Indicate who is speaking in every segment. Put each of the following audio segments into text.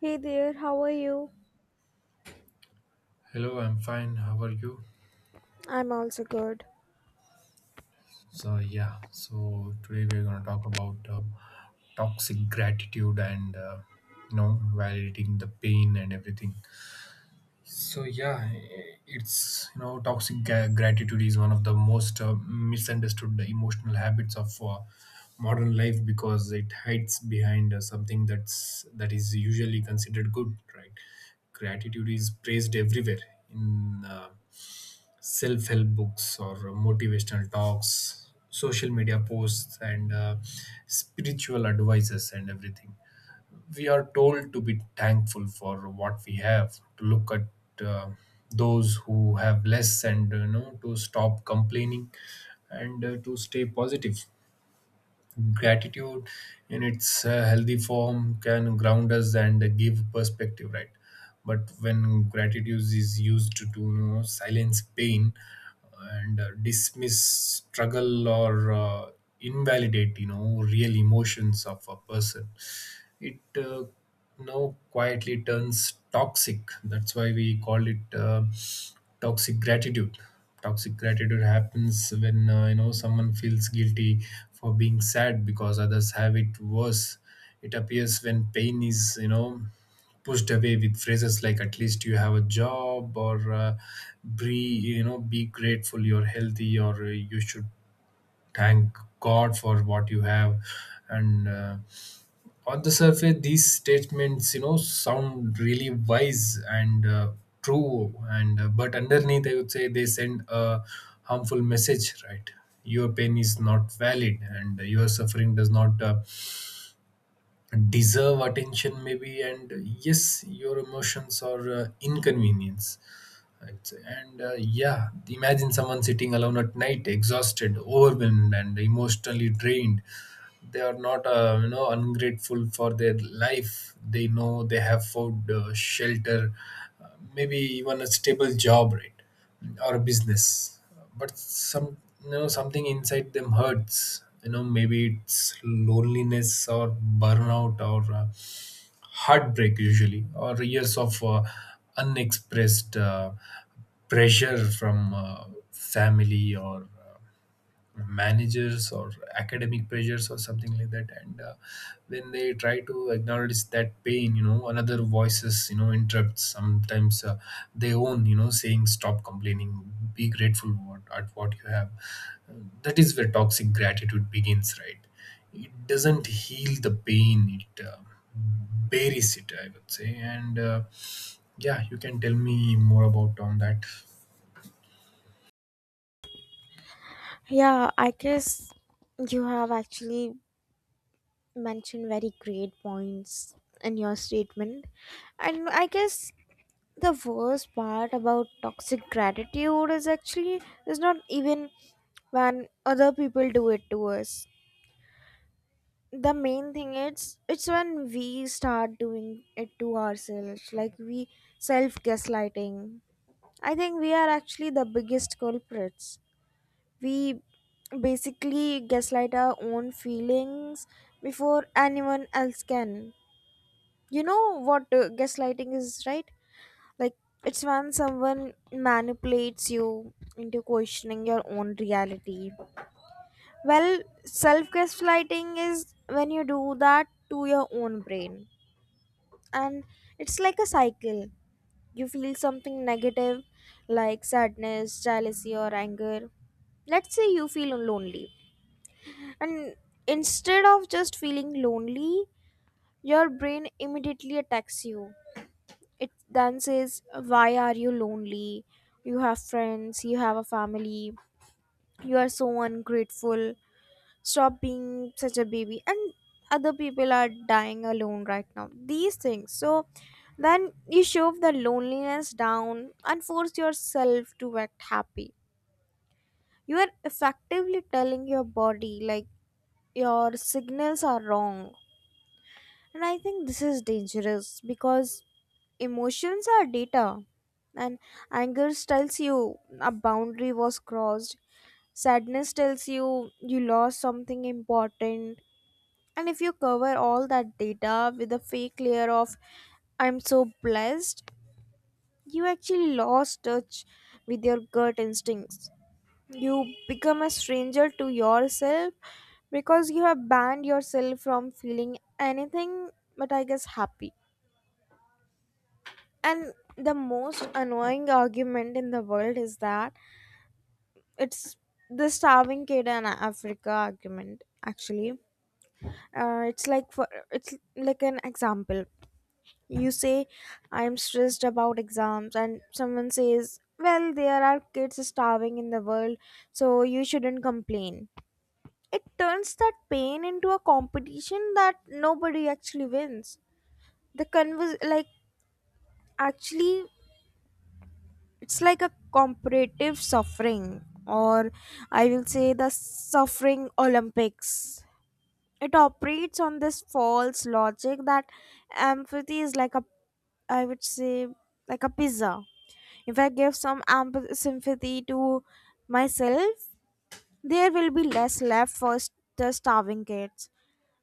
Speaker 1: Hey there, how are you?
Speaker 2: Hello, I'm fine. How are you?
Speaker 1: I'm also good.
Speaker 2: So today we're going to talk about toxic gratitude and you know, validating the pain and everything. So, yeah, toxic gratitude is one of the most misunderstood emotional habits of modern life because it hides behind something that is usually considered good, right? Gratitude is praised everywhere in self help books or motivational talks, social media posts, and spiritual advices, and everything. We are told to be thankful for what we have, to look at those who have less, and you know, to stop complaining and to stay positive. Gratitude in its healthy form can ground us and give perspective, right? But when gratitude is used to you know, silence pain and dismiss struggle or invalidate you know real emotions of a person, it now quietly turns toxic. That's why we call it toxic gratitude. Toxic gratitude happens when you know someone feels guilty for being sad because others have it worse. It appears when pain is you know pushed away with phrases like "at least you have a job" or "be you know be grateful you're healthy" or "you should thank God for what you have," and on the surface these statements you know sound really wise and true, and but underneath I would say they send a harmful message, right? Your pain is not valid and your suffering does not deserve attention maybe, and yes your emotions are inconvenience I'd say. And yeah, imagine someone sitting alone at night exhausted, overwhelmed, and emotionally drained. They are not you know ungrateful for their life. They know they have food, shelter, maybe even a stable job, right? Or a business. But some, you know, something inside them hurts, you know, maybe it's loneliness or burnout or heartbreak usually or years of unexpressed pressure from family or managers or academic pressures or something like that. And when they try to acknowledge that pain, you know, another voices you know interrupts sometimes, they own you know saying stop complaining be grateful what, at what you have. Uh, that is where toxic gratitude begins, right? It doesn't heal the pain, it buries it I would say. And yeah, you can tell me more about on that.
Speaker 1: Yeah, I guess you have actually mentioned very great points in your statement. And I guess the worst part about toxic gratitude is actually is not even when other people do it to us. The main thing is it's when we start doing it to ourselves, like we self gaslighting. I think we are actually the biggest culprits. We basically gaslight our own feelings before anyone else can. You know what gaslighting is, right? Like, it's when someone manipulates you into questioning your own reality. Well, self gaslighting is when you do that to your own brain. And it's like a cycle. You feel something negative, like sadness, jealousy, or anger. Let's say you feel lonely. And instead of just feeling lonely, your brain immediately attacks you. It then says, why are you lonely? You have friends, you have a family, you are so ungrateful. Stop being such a baby. And other people are dying alone right now. These things. So then you shove the loneliness down and force yourself to act happy. You are effectively telling your body, like, your signals are wrong. And I think this is dangerous because emotions are data, and anger tells you a boundary was crossed, sadness tells you you lost something important. And if you cover all that data with a fake layer of I'm so blessed, you actually lost touch with your gut instincts. You become a stranger to yourself because you have banned yourself from feeling anything but, I guess, happy. And the most annoying argument in the world is that it's the starving kid in Africa argument. Actually, it's like an example. You say, "I'm stressed about exams," and someone says, "Well, there are kids starving in the world, so you shouldn't complain." It turns that pain into a competition that nobody actually wins. The convers like, actually, it's like a comparative suffering, or I will say the suffering Olympics. It operates on this false logic that empathy is like a, I would say, like a pizza. If I give some sympathy to myself, there will be less left for the starving kids.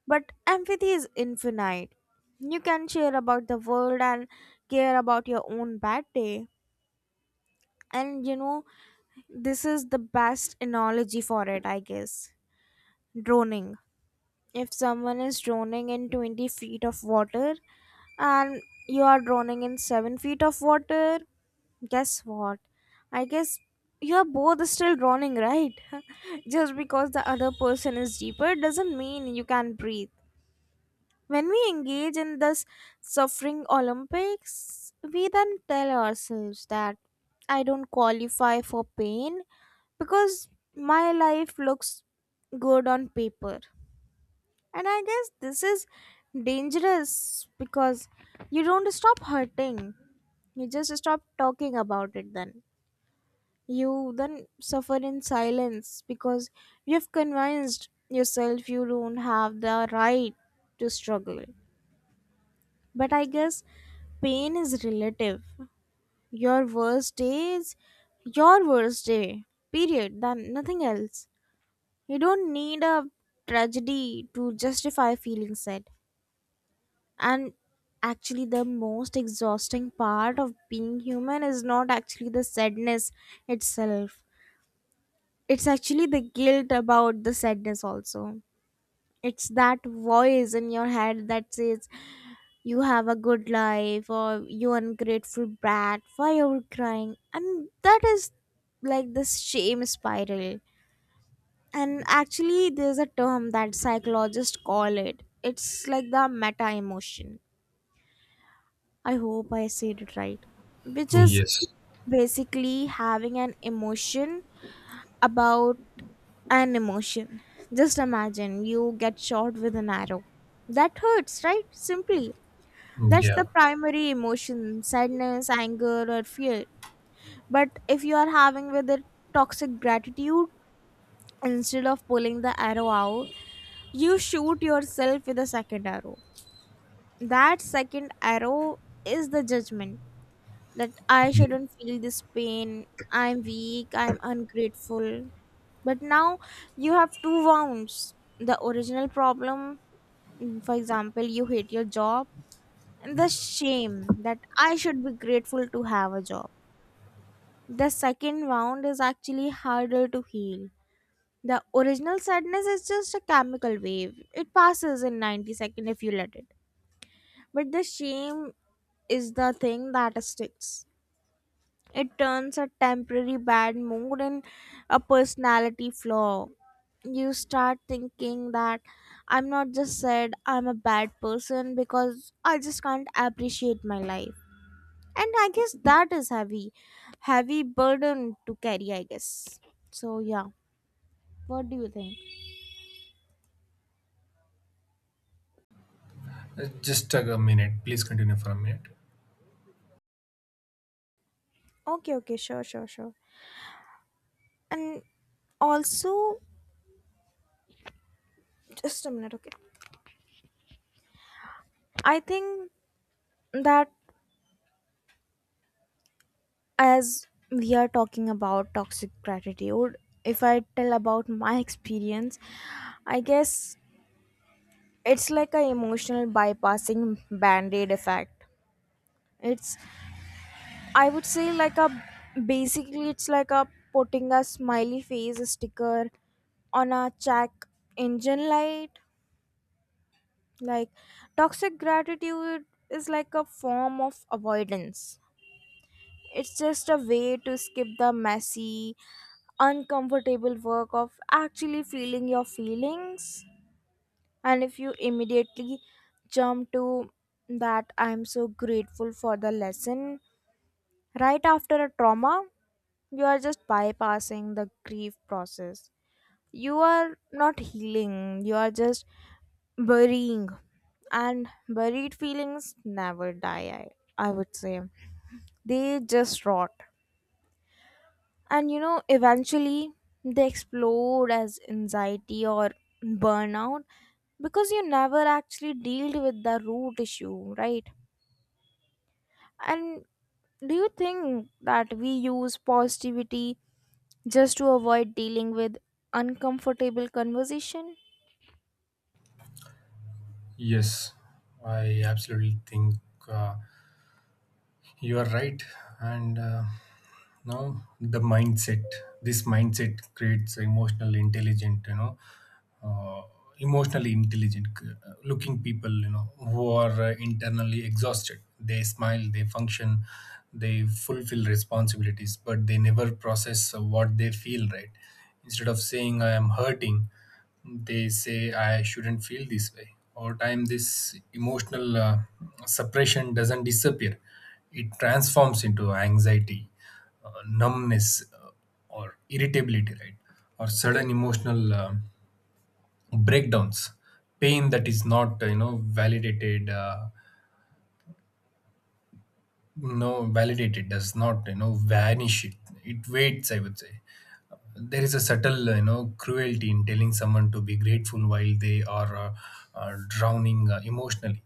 Speaker 1: But empathy is infinite. You can share about the world and care about your own bad day. And this is the best analogy for it, I guess. Droning. If someone is droning in 20 feet of water and you are droning in 7 feet of water, guess what? I guess you are both still droning, right? Just because the other person is deeper doesn't mean you can breathe. When we engage in this suffering Olympics, we then tell ourselves that I don't qualify for pain because my life looks good on paper. And I guess this is dangerous because you don't stop hurting, you just stop talking about it then. You then suffer in silence because you've convinced yourself you don't have the right to struggle. But, I guess, pain is relative. Your worst day is your worst day, period, then nothing else. You don't need a tragedy to justify feeling sad. And actually, the most exhausting part of being human is not actually the sadness itself, it's actually the guilt about the sadness, also. It's that voice in your head that says, you have a good life, or you ungrateful brat, why you're crying? And that is like this shame spiral. And actually, there's a term that psychologists call it, it's like the meta emotion, I hope I said it right, which is
Speaker 2: Yes.
Speaker 1: basically having an emotion about an emotion. Just imagine you get shot with an arrow. That hurts, right? Simply, that's the
Speaker 2: Yeah.
Speaker 1: primary emotion: sadness, anger, or fear. But if you are having with it toxic gratitude, instead of pulling the arrow out, you shoot yourself with a second arrow. That second arrow is the judgment that I shouldn't feel this pain, I'm weak, I'm ungrateful. But now you have two wounds: the original problem, for example, you hate your job. And the shame that I should be grateful to have a job. The second wound is actually harder to heal. The original sadness is just a chemical wave. It passes in 90 seconds if you let it. But the shame is the thing that sticks. It turns a temporary bad mood in a personality flaw. You start thinking that I'm not just sad, I'm a bad person because I just can't appreciate my life. And I guess that is heavy, heavy burden to carry, I guess. So yeah, what do you think?
Speaker 2: Just a minute. Please continue for a minute.
Speaker 1: Okay, okay, sure, sure, sure. And also, just a minute, okay. I think that as we are talking about toxic gratitude, if I tell about my experience, I guess it's like a emotional bypassing band aid effect. It's, I would say, like a, basically, it's like a putting a smiley face sticker on a check engine light. Like, toxic gratitude is like a form of avoidance. It's just a way to skip the messy, uncomfortable work of actually feeling your feelings. And if you immediately jump to that, I'm so grateful for the lesson right after a trauma, you are just bypassing the grief process. You are not healing, you are just burying. And buried feelings never die, I would say, they just rot. And eventually they explode as anxiety or burnout because you never actually dealt with the root issue, right? And do you think that we use positivity just to avoid dealing with uncomfortable conversation?
Speaker 2: Yes, I absolutely think uh, you are right. And now, this mindset creates emotional intelligence, you know, uh, emotionally intelligent looking people you know who are internally exhausted. They smile, they function, they fulfill responsibilities, but they never process what they feel, right? Instead of saying I am hurting, they say I shouldn't feel this way. Over time this emotional suppression doesn't disappear, it transforms into anxiety, numbness, uh, or irritability, right? Or sudden emotional breakdowns. Pain that is not you know validated, no validated, does not you know vanish. It waits I would say. There is a subtle you know cruelty in telling someone to be grateful while they are drowning emotionally.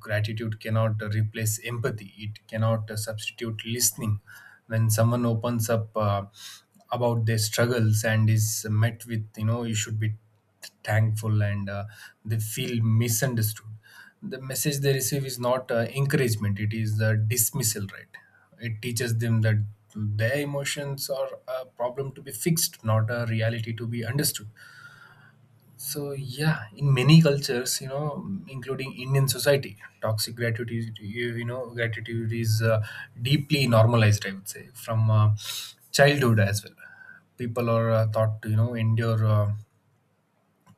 Speaker 2: Gratitude cannot replace empathy, it cannot substitute listening. When someone opens up about their struggles and is met with you know you should be thankful, and they feel misunderstood. The message they receive is not encouragement, it is the dismissal, right? It teaches them that their emotions are a problem to be fixed, not a reality to be understood. So yeah, in many cultures you know including indian society, toxic gratitude, you know gratitude is deeply normalized I would say from childhood as well. People are taught to you know endure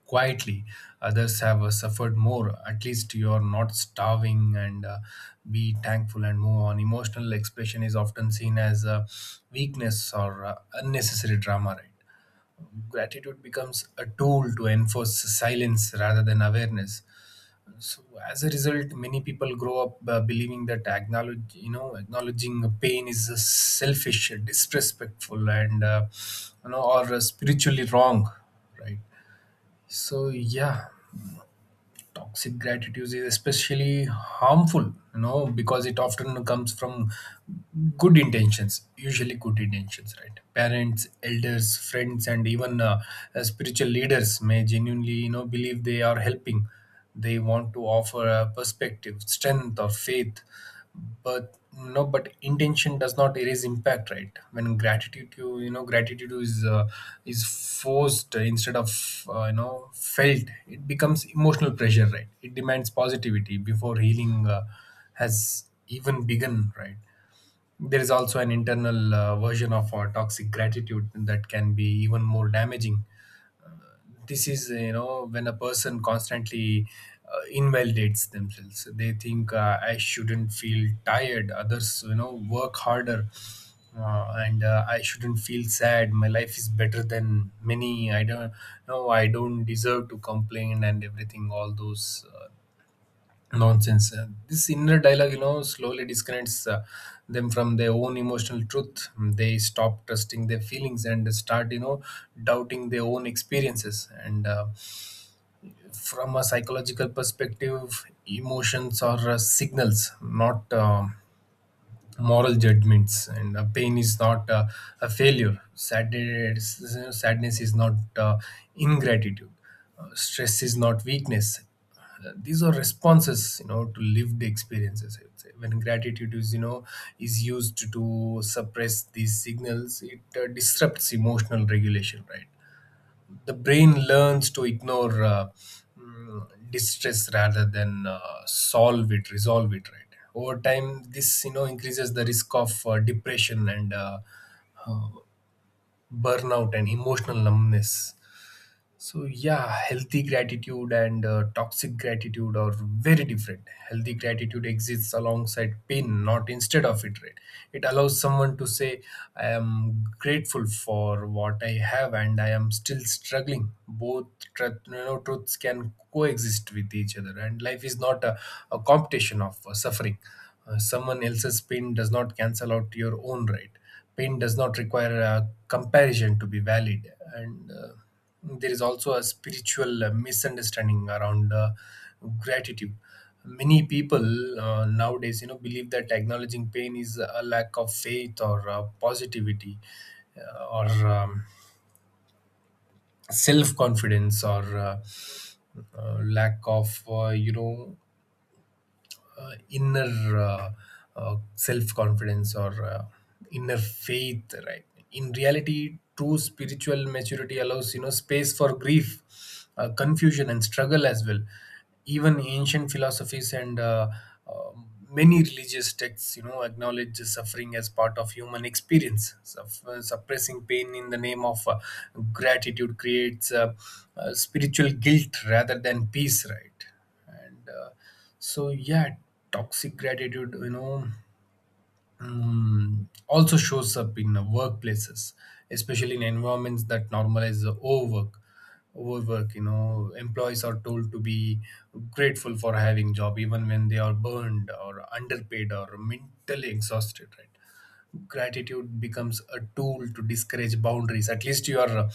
Speaker 2: quietly. Others have suffered more. At least you are not starving, and be thankful and move on. Emotional expression is often seen as a weakness or unnecessary drama, right? Gratitude becomes a tool to enforce silence rather than awareness. So, as a result, many people grow up believing that acknowledging pain is selfish, disrespectful, or spiritually wrong, right? So, yeah, toxic gratitude is especially harmful you know because it often comes from good intentions, usually good intentions, right? Parents, elders, friends, and even spiritual leaders may genuinely you know believe they are helping. They want to offer a perspective, strength, or faith. But intention does not erase impact, right? When gratitude you you know gratitude is is forced instead of you know felt, it becomes emotional pressure, right? It demands positivity before healing has even begun, right? There is also an internal version of our toxic gratitude that can be even more damaging. This is you know when a person constantly invalidates themselves. So they think, I shouldn't feel tired, others you know work harder, and I shouldn't feel sad, my life is better than many, I don't deserve to complain, and everything, all those nonsense. This inner dialogue you know slowly disconnects them from their own emotional truth. They stop trusting their feelings and start you know doubting their own experiences. And from a psychological perspective, emotions are signals, not moral judgments. And pain is not a failure. Sadness is not ingratitude. Stress is not weakness. These are responses, you know, to lived experiences. I would say. When gratitude is, you know, is used to suppress these signals, it disrupts emotional regulation, right? The brain learns to ignore distress rather than solve it resolve it, right? Over time this you know increases the risk of depression and uh, burnout and emotional numbness. So yeah, healthy gratitude and toxic gratitude are very different. Healthy gratitude exists alongside pain, not instead of it. Right? It allows someone to say, "I am grateful for what I have, and I am still struggling." Both truths can coexist with each other, and life is not a competition of suffering. Someone else's pain does not cancel out your own. Right? Pain does not require a comparison to be valid, and there is also a spiritual misunderstanding around gratitude. Many people nowadays you know believe that acknowledging pain is a lack of faith or positivity or self confidence or lack of you know inner self confidence or inner faith, right? In reality true spiritual maturity allows you know space for grief, confusion and struggle as well. Even ancient philosophies and uh, many religious texts you know acknowledge suffering as part of human experience. Suppressing pain in the name of gratitude creates spiritual guilt rather than peace, right? Uh, so yeah toxic gratitude, you know, also shows up in workplaces, especially in environments that normalize the overwork you know. Employees are told to be grateful for having job even when they are burned or underpaid or mentally exhausted, right? Gratitude becomes a tool to discourage boundaries. At least you are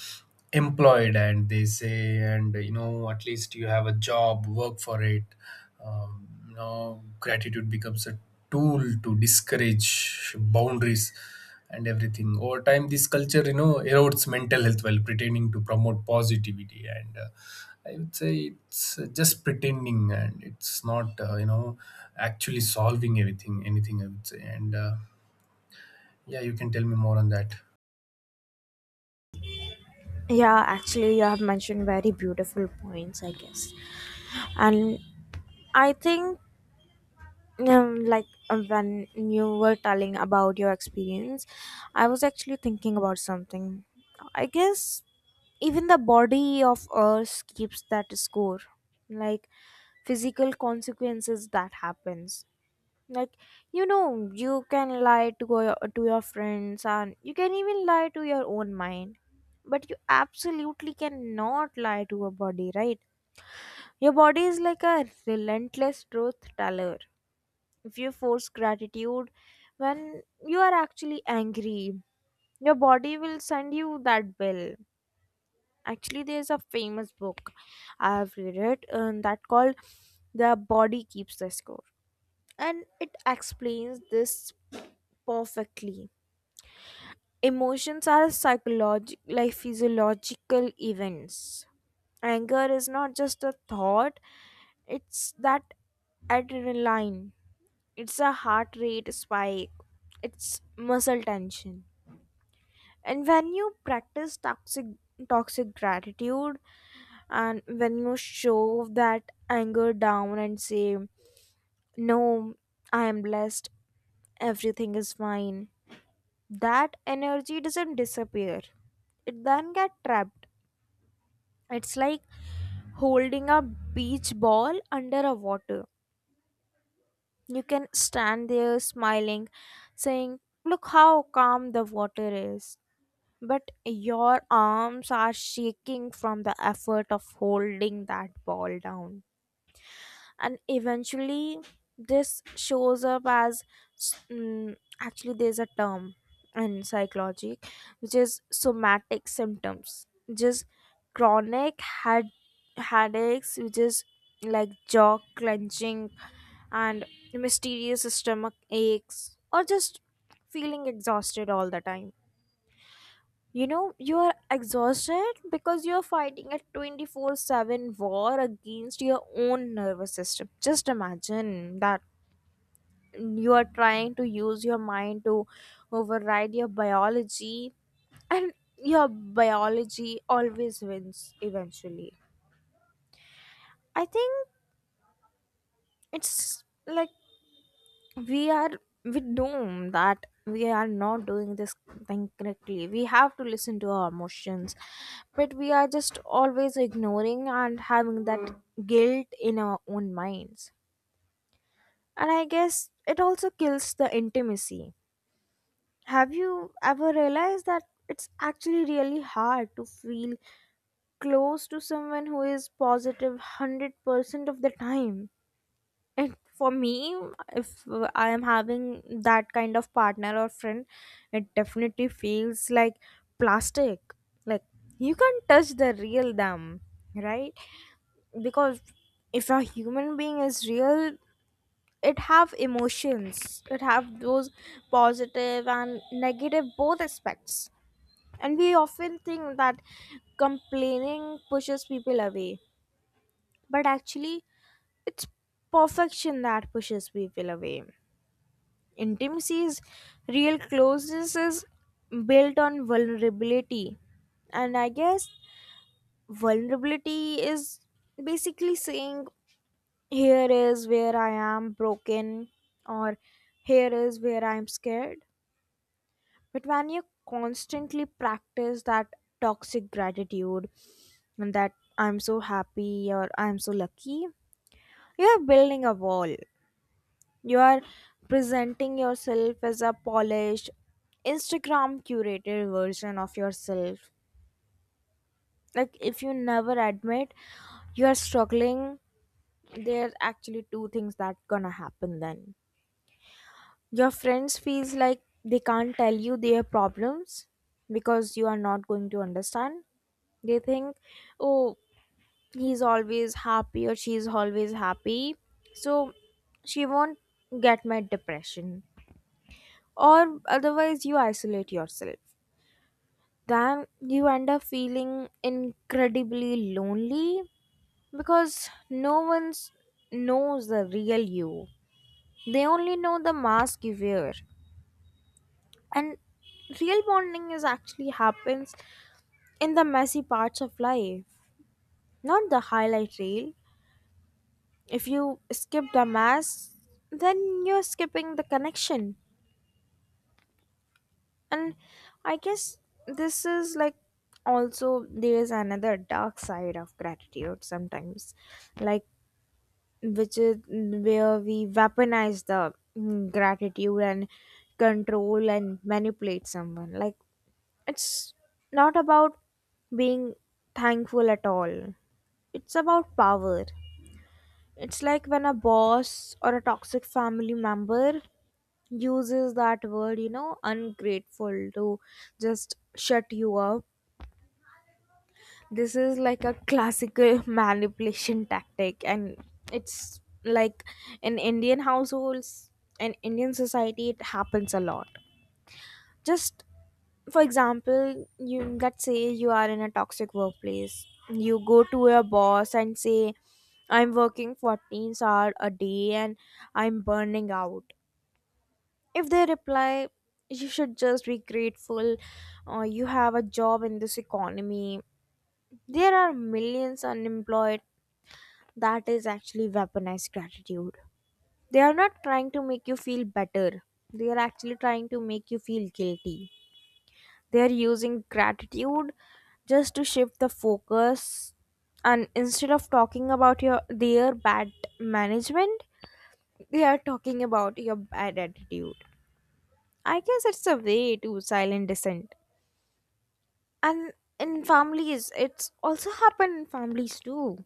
Speaker 2: employed and they say, and you know at least you have a job, work for it. You know gratitude becomes a tool to discourage boundaries and everything. Over time this culture you know erodes mental health while pretending to promote positivity, and I would say it's just pretending and it's not you know actually solving everything anything I would say. And yeah, you can tell me more on that.
Speaker 1: Yeah, actually, you have mentioned very beautiful points, I guess. And I think, like, when you were telling about your experience, I was actually thinking about something. I guess even the body of us keeps that score, like physical consequences that happens. Like, you can lie to your friends and you can even lie to your own mind, but you absolutely cannot lie to a body, right? Your body is like a relentless truth teller. If you force gratitude when you are actually angry, your body will send you that bill. Actually, there's a famous book I've read it, that called The Body Keeps the Score, and it explains this perfectly. Emotions are psychological, like physiological events. Anger is not just a thought, it's that adrenaline, it's a heart rate spike, it's muscle tension. And when you practice toxic gratitude and when you show that anger down and say no, I am blessed, everything is fine. That energy doesn't disappear. It then get trapped. It's like holding a beach ball under a water. You can stand there smiling, saying, look how calm the water is. But your arms are shaking from the effort of holding that ball down. And eventually this shows up as, mm, actually there's a term in psychology which is somatic symptoms. Just chronic had headaches, which is like jaw clenching and mysterious stomach aches, or just feeling exhausted all the time. You are exhausted because you are fighting a 24/7 war against your own nervous system. Just imagine that you are trying to use your mind to override your biology, and your biology always wins eventually. I think it's like we are we know that we are not doing this thing correctly, we have to listen to our emotions, but we are just always ignoring and having that guilt in our own minds. And I guess it also kills the intimacy. Have you ever realized that it's actually really hard to feel close to someone who is 100% of the time? And for me, if I am having that kind of partner or friend, it definitely feels like plastic. Like, you can't touch the real them, right? Because if a human being is real, it have emotions. It have those positive and negative both aspects. And we often think that complaining pushes people away, but actually, it's perfection that pushes people away. Intimacy is Real closeness is built on vulnerability. And I guess vulnerability is basically saying, here is where I am broken, or here is where I'm scared. But when you constantly practice that toxic gratitude and that I'm so happy or I'm so lucky, you are building a wall. You are presenting yourself as a polished, Instagram curated version of yourself. Like, if you never admit you are struggling, there's actually two things that gonna happen then. Your friends feels like they can't tell you their problems because you are not going to understand. They think, oh, he's always happy or she's always happy, so she won't get my depression. Or otherwise you isolate yourself, then you end up feeling incredibly lonely because no one knows the real you, they only know the mask you wear. And real bonding is actually happens in the messy parts of life, not the highlight reel. If you skip the mask, then you're skipping the connection. And I guess this is like, also, there's another dark side of gratitude sometimes, like, which is where we weaponize the gratitude and control and manipulate someone. Like, it's not about being thankful at all, it's about power. It's like when a boss or a toxic family member uses that word ungrateful to just shut you up. This is like a classical manipulation tactic. And it's like in Indian households and Indian society it happens a lot. Just, for example, you let's say you are in a toxic workplace, you go to your boss and say, I'm working 14 hours a day and I'm burning out. If they reply, you should just be grateful, you have a job in this economy. There are millions unemployed. That is actually weaponized gratitude. They are not trying to make you feel better, they are actually trying to make you feel guilty. They are using gratitude just to shift the focus, and instead of talking about your their bad management, they are talking about your bad attitude. I guess it's a way to silent dissent. And in families it's also happened in families too,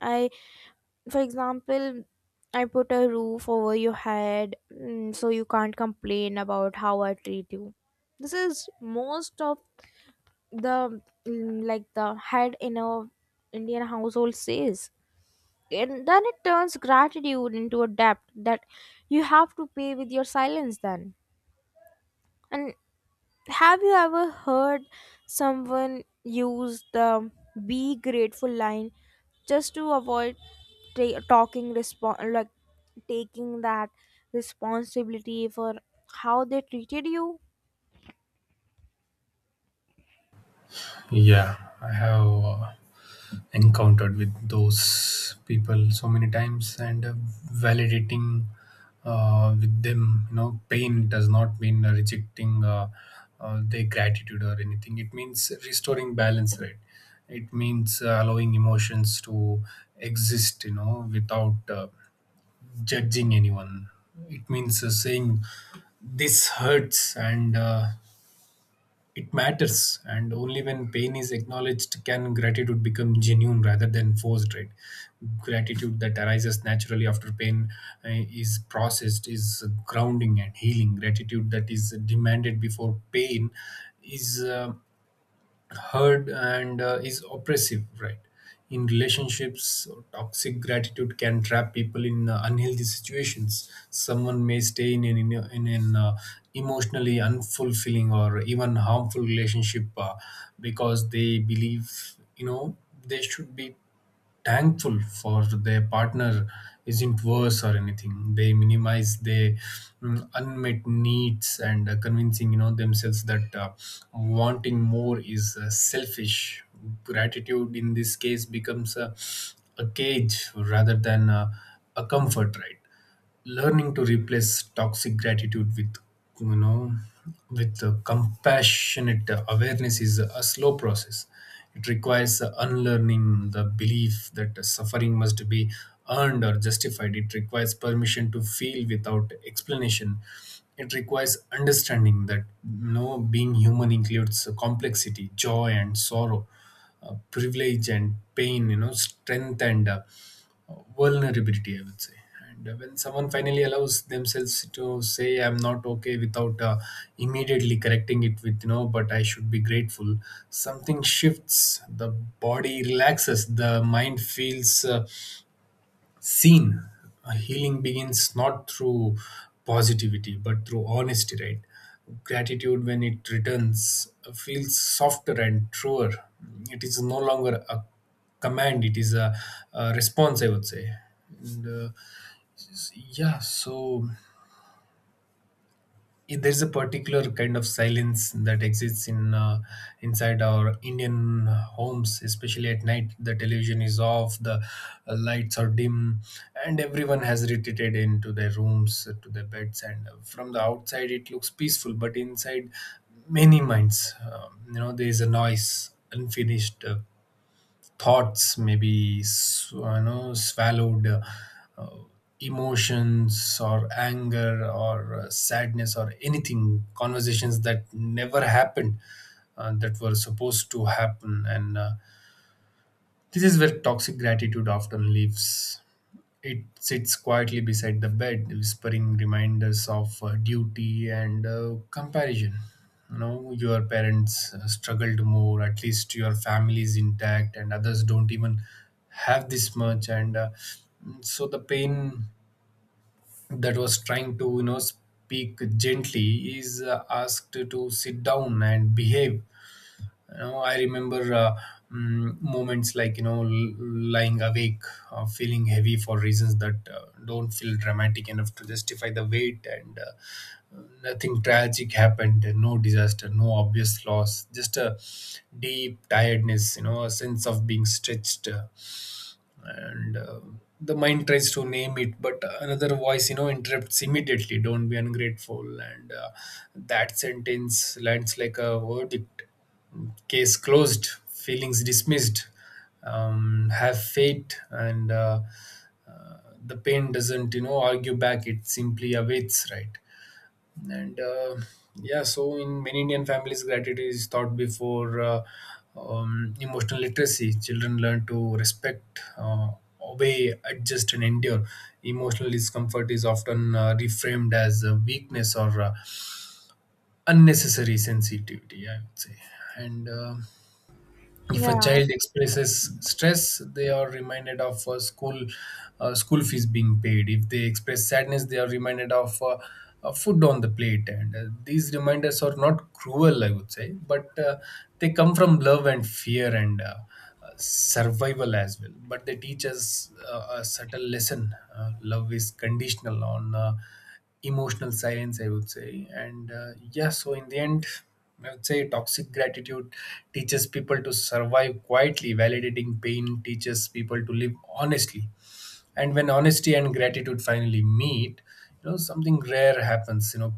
Speaker 1: I for example, I put a roof over your head, so you can't complain about how I treat you. This is most of the, like the head in a Indian household says. And then it turns gratitude into a debt that you have to pay with your silence then. And have you ever heard someone use the be grateful line just to avoid ta- talking respon like taking that responsibility for how they treated you?
Speaker 2: Yeah, I have encountered with those people so many times, and validating with them, you know, pain does not mean rejecting their gratitude or anything. It means restoring balance, right? It means allowing emotions to exist, you know, without judging anyone. It means saying this hurts, and it matters, and only when pain is acknowledged can gratitude become genuine rather than forced, right? Gratitude that arises naturally after pain is processed is grounding and healing. Gratitude that is demanded before pain is heard and is oppressive, right? In relationships, toxic gratitude can trap people in unhealthy situations. Someone may stay in an emotionally unfulfilling or even harmful relationship because they believe, you know, they should be thankful for their partner, isn't worse or anything. They minimize their unmet needs and convincing, you know, themselves that wanting more is selfish. Gratitude in this case becomes a cage rather than a comfort, right? Learning to replace toxic gratitude with, you know, with compassionate awareness is a slow process. It requires unlearning the belief that suffering must be earned or justified. It requires permission to feel without explanation. It requires understanding that, you know, being human includes complexity, joy and sorrow, privilege and pain, you know, strength and vulnerability, I would say. And when someone finally allows themselves to say, "I'm not okay," without immediately correcting it with, you know, but I should be grateful. Something shifts. The body relaxes. The mind feels. Seen. Healing begins not through positivity but through honesty, right? Gratitude, when it returns, feels softer and truer. It is no longer a command. It is a response, I would say. And, uh, yeah so yeah, there's a particular kind of silence that exists in, inside our Indian homes, especially at night. The television is off, the lights are dim, and everyone has retreated into their rooms, to their beds. And from the outside, it looks peaceful, but inside, many minds. You know, there is a noise, unfinished. Thoughts maybe you know, swallowed, uh, emotions or anger or sadness or anything, conversations that never happened, that were supposed to happen. And this is where toxic gratitude often lives. It sits quietly beside the bed, whispering reminders of duty and comparison. You know, your parents struggled more, at least your family is intact, and others don't even have this much. And so the pain that was trying to, you know, speak gently is asked to sit down and behave. You know, I remember moments like, you know, lying awake, feeling heavy for reasons that don't feel dramatic enough to justify the weight, and nothing tragic happened, no disaster, no obvious loss, just a deep tiredness. You know, a sense of being stretched. And The mind tries to name it, but another voice, you know, interrupts immediately. Don't be ungrateful. And that sentence lands like a verdict. Case closed, feelings dismissed. Have faith. And uh, uh, the pain doesn't, you know, argue back. It simply awaits, right? And in many Indian families, gratitude is taught before emotional literacy. Children learn to respect, obey, adjust and endure. Emotional discomfort is often reframed as a weakness or unnecessary sensitivity, I would say. And If a
Speaker 1: Yeah,
Speaker 2: child expresses stress, they are reminded of school, school fees being paid. If they express sadness, they are reminded of food on the plate. And these reminders are not cruel, I would say, but they come from love and fear and survival as well. But they teach us a subtle lesson. Love is conditional on emotional silence, I would say. And in the end, I would say toxic gratitude teaches people to survive quietly. Validating pain teaches people to live honestly. And when honesty and gratitude finally meet, you know, something rare happens. You know,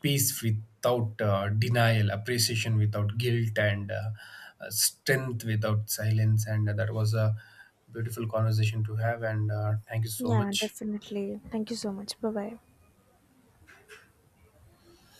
Speaker 2: peace without denial, appreciation without guilt, and strength without silence. And that was a beautiful conversation to have. And thank you so
Speaker 1: yeah,
Speaker 2: much.
Speaker 1: definitely. Thank you so much. Bye bye.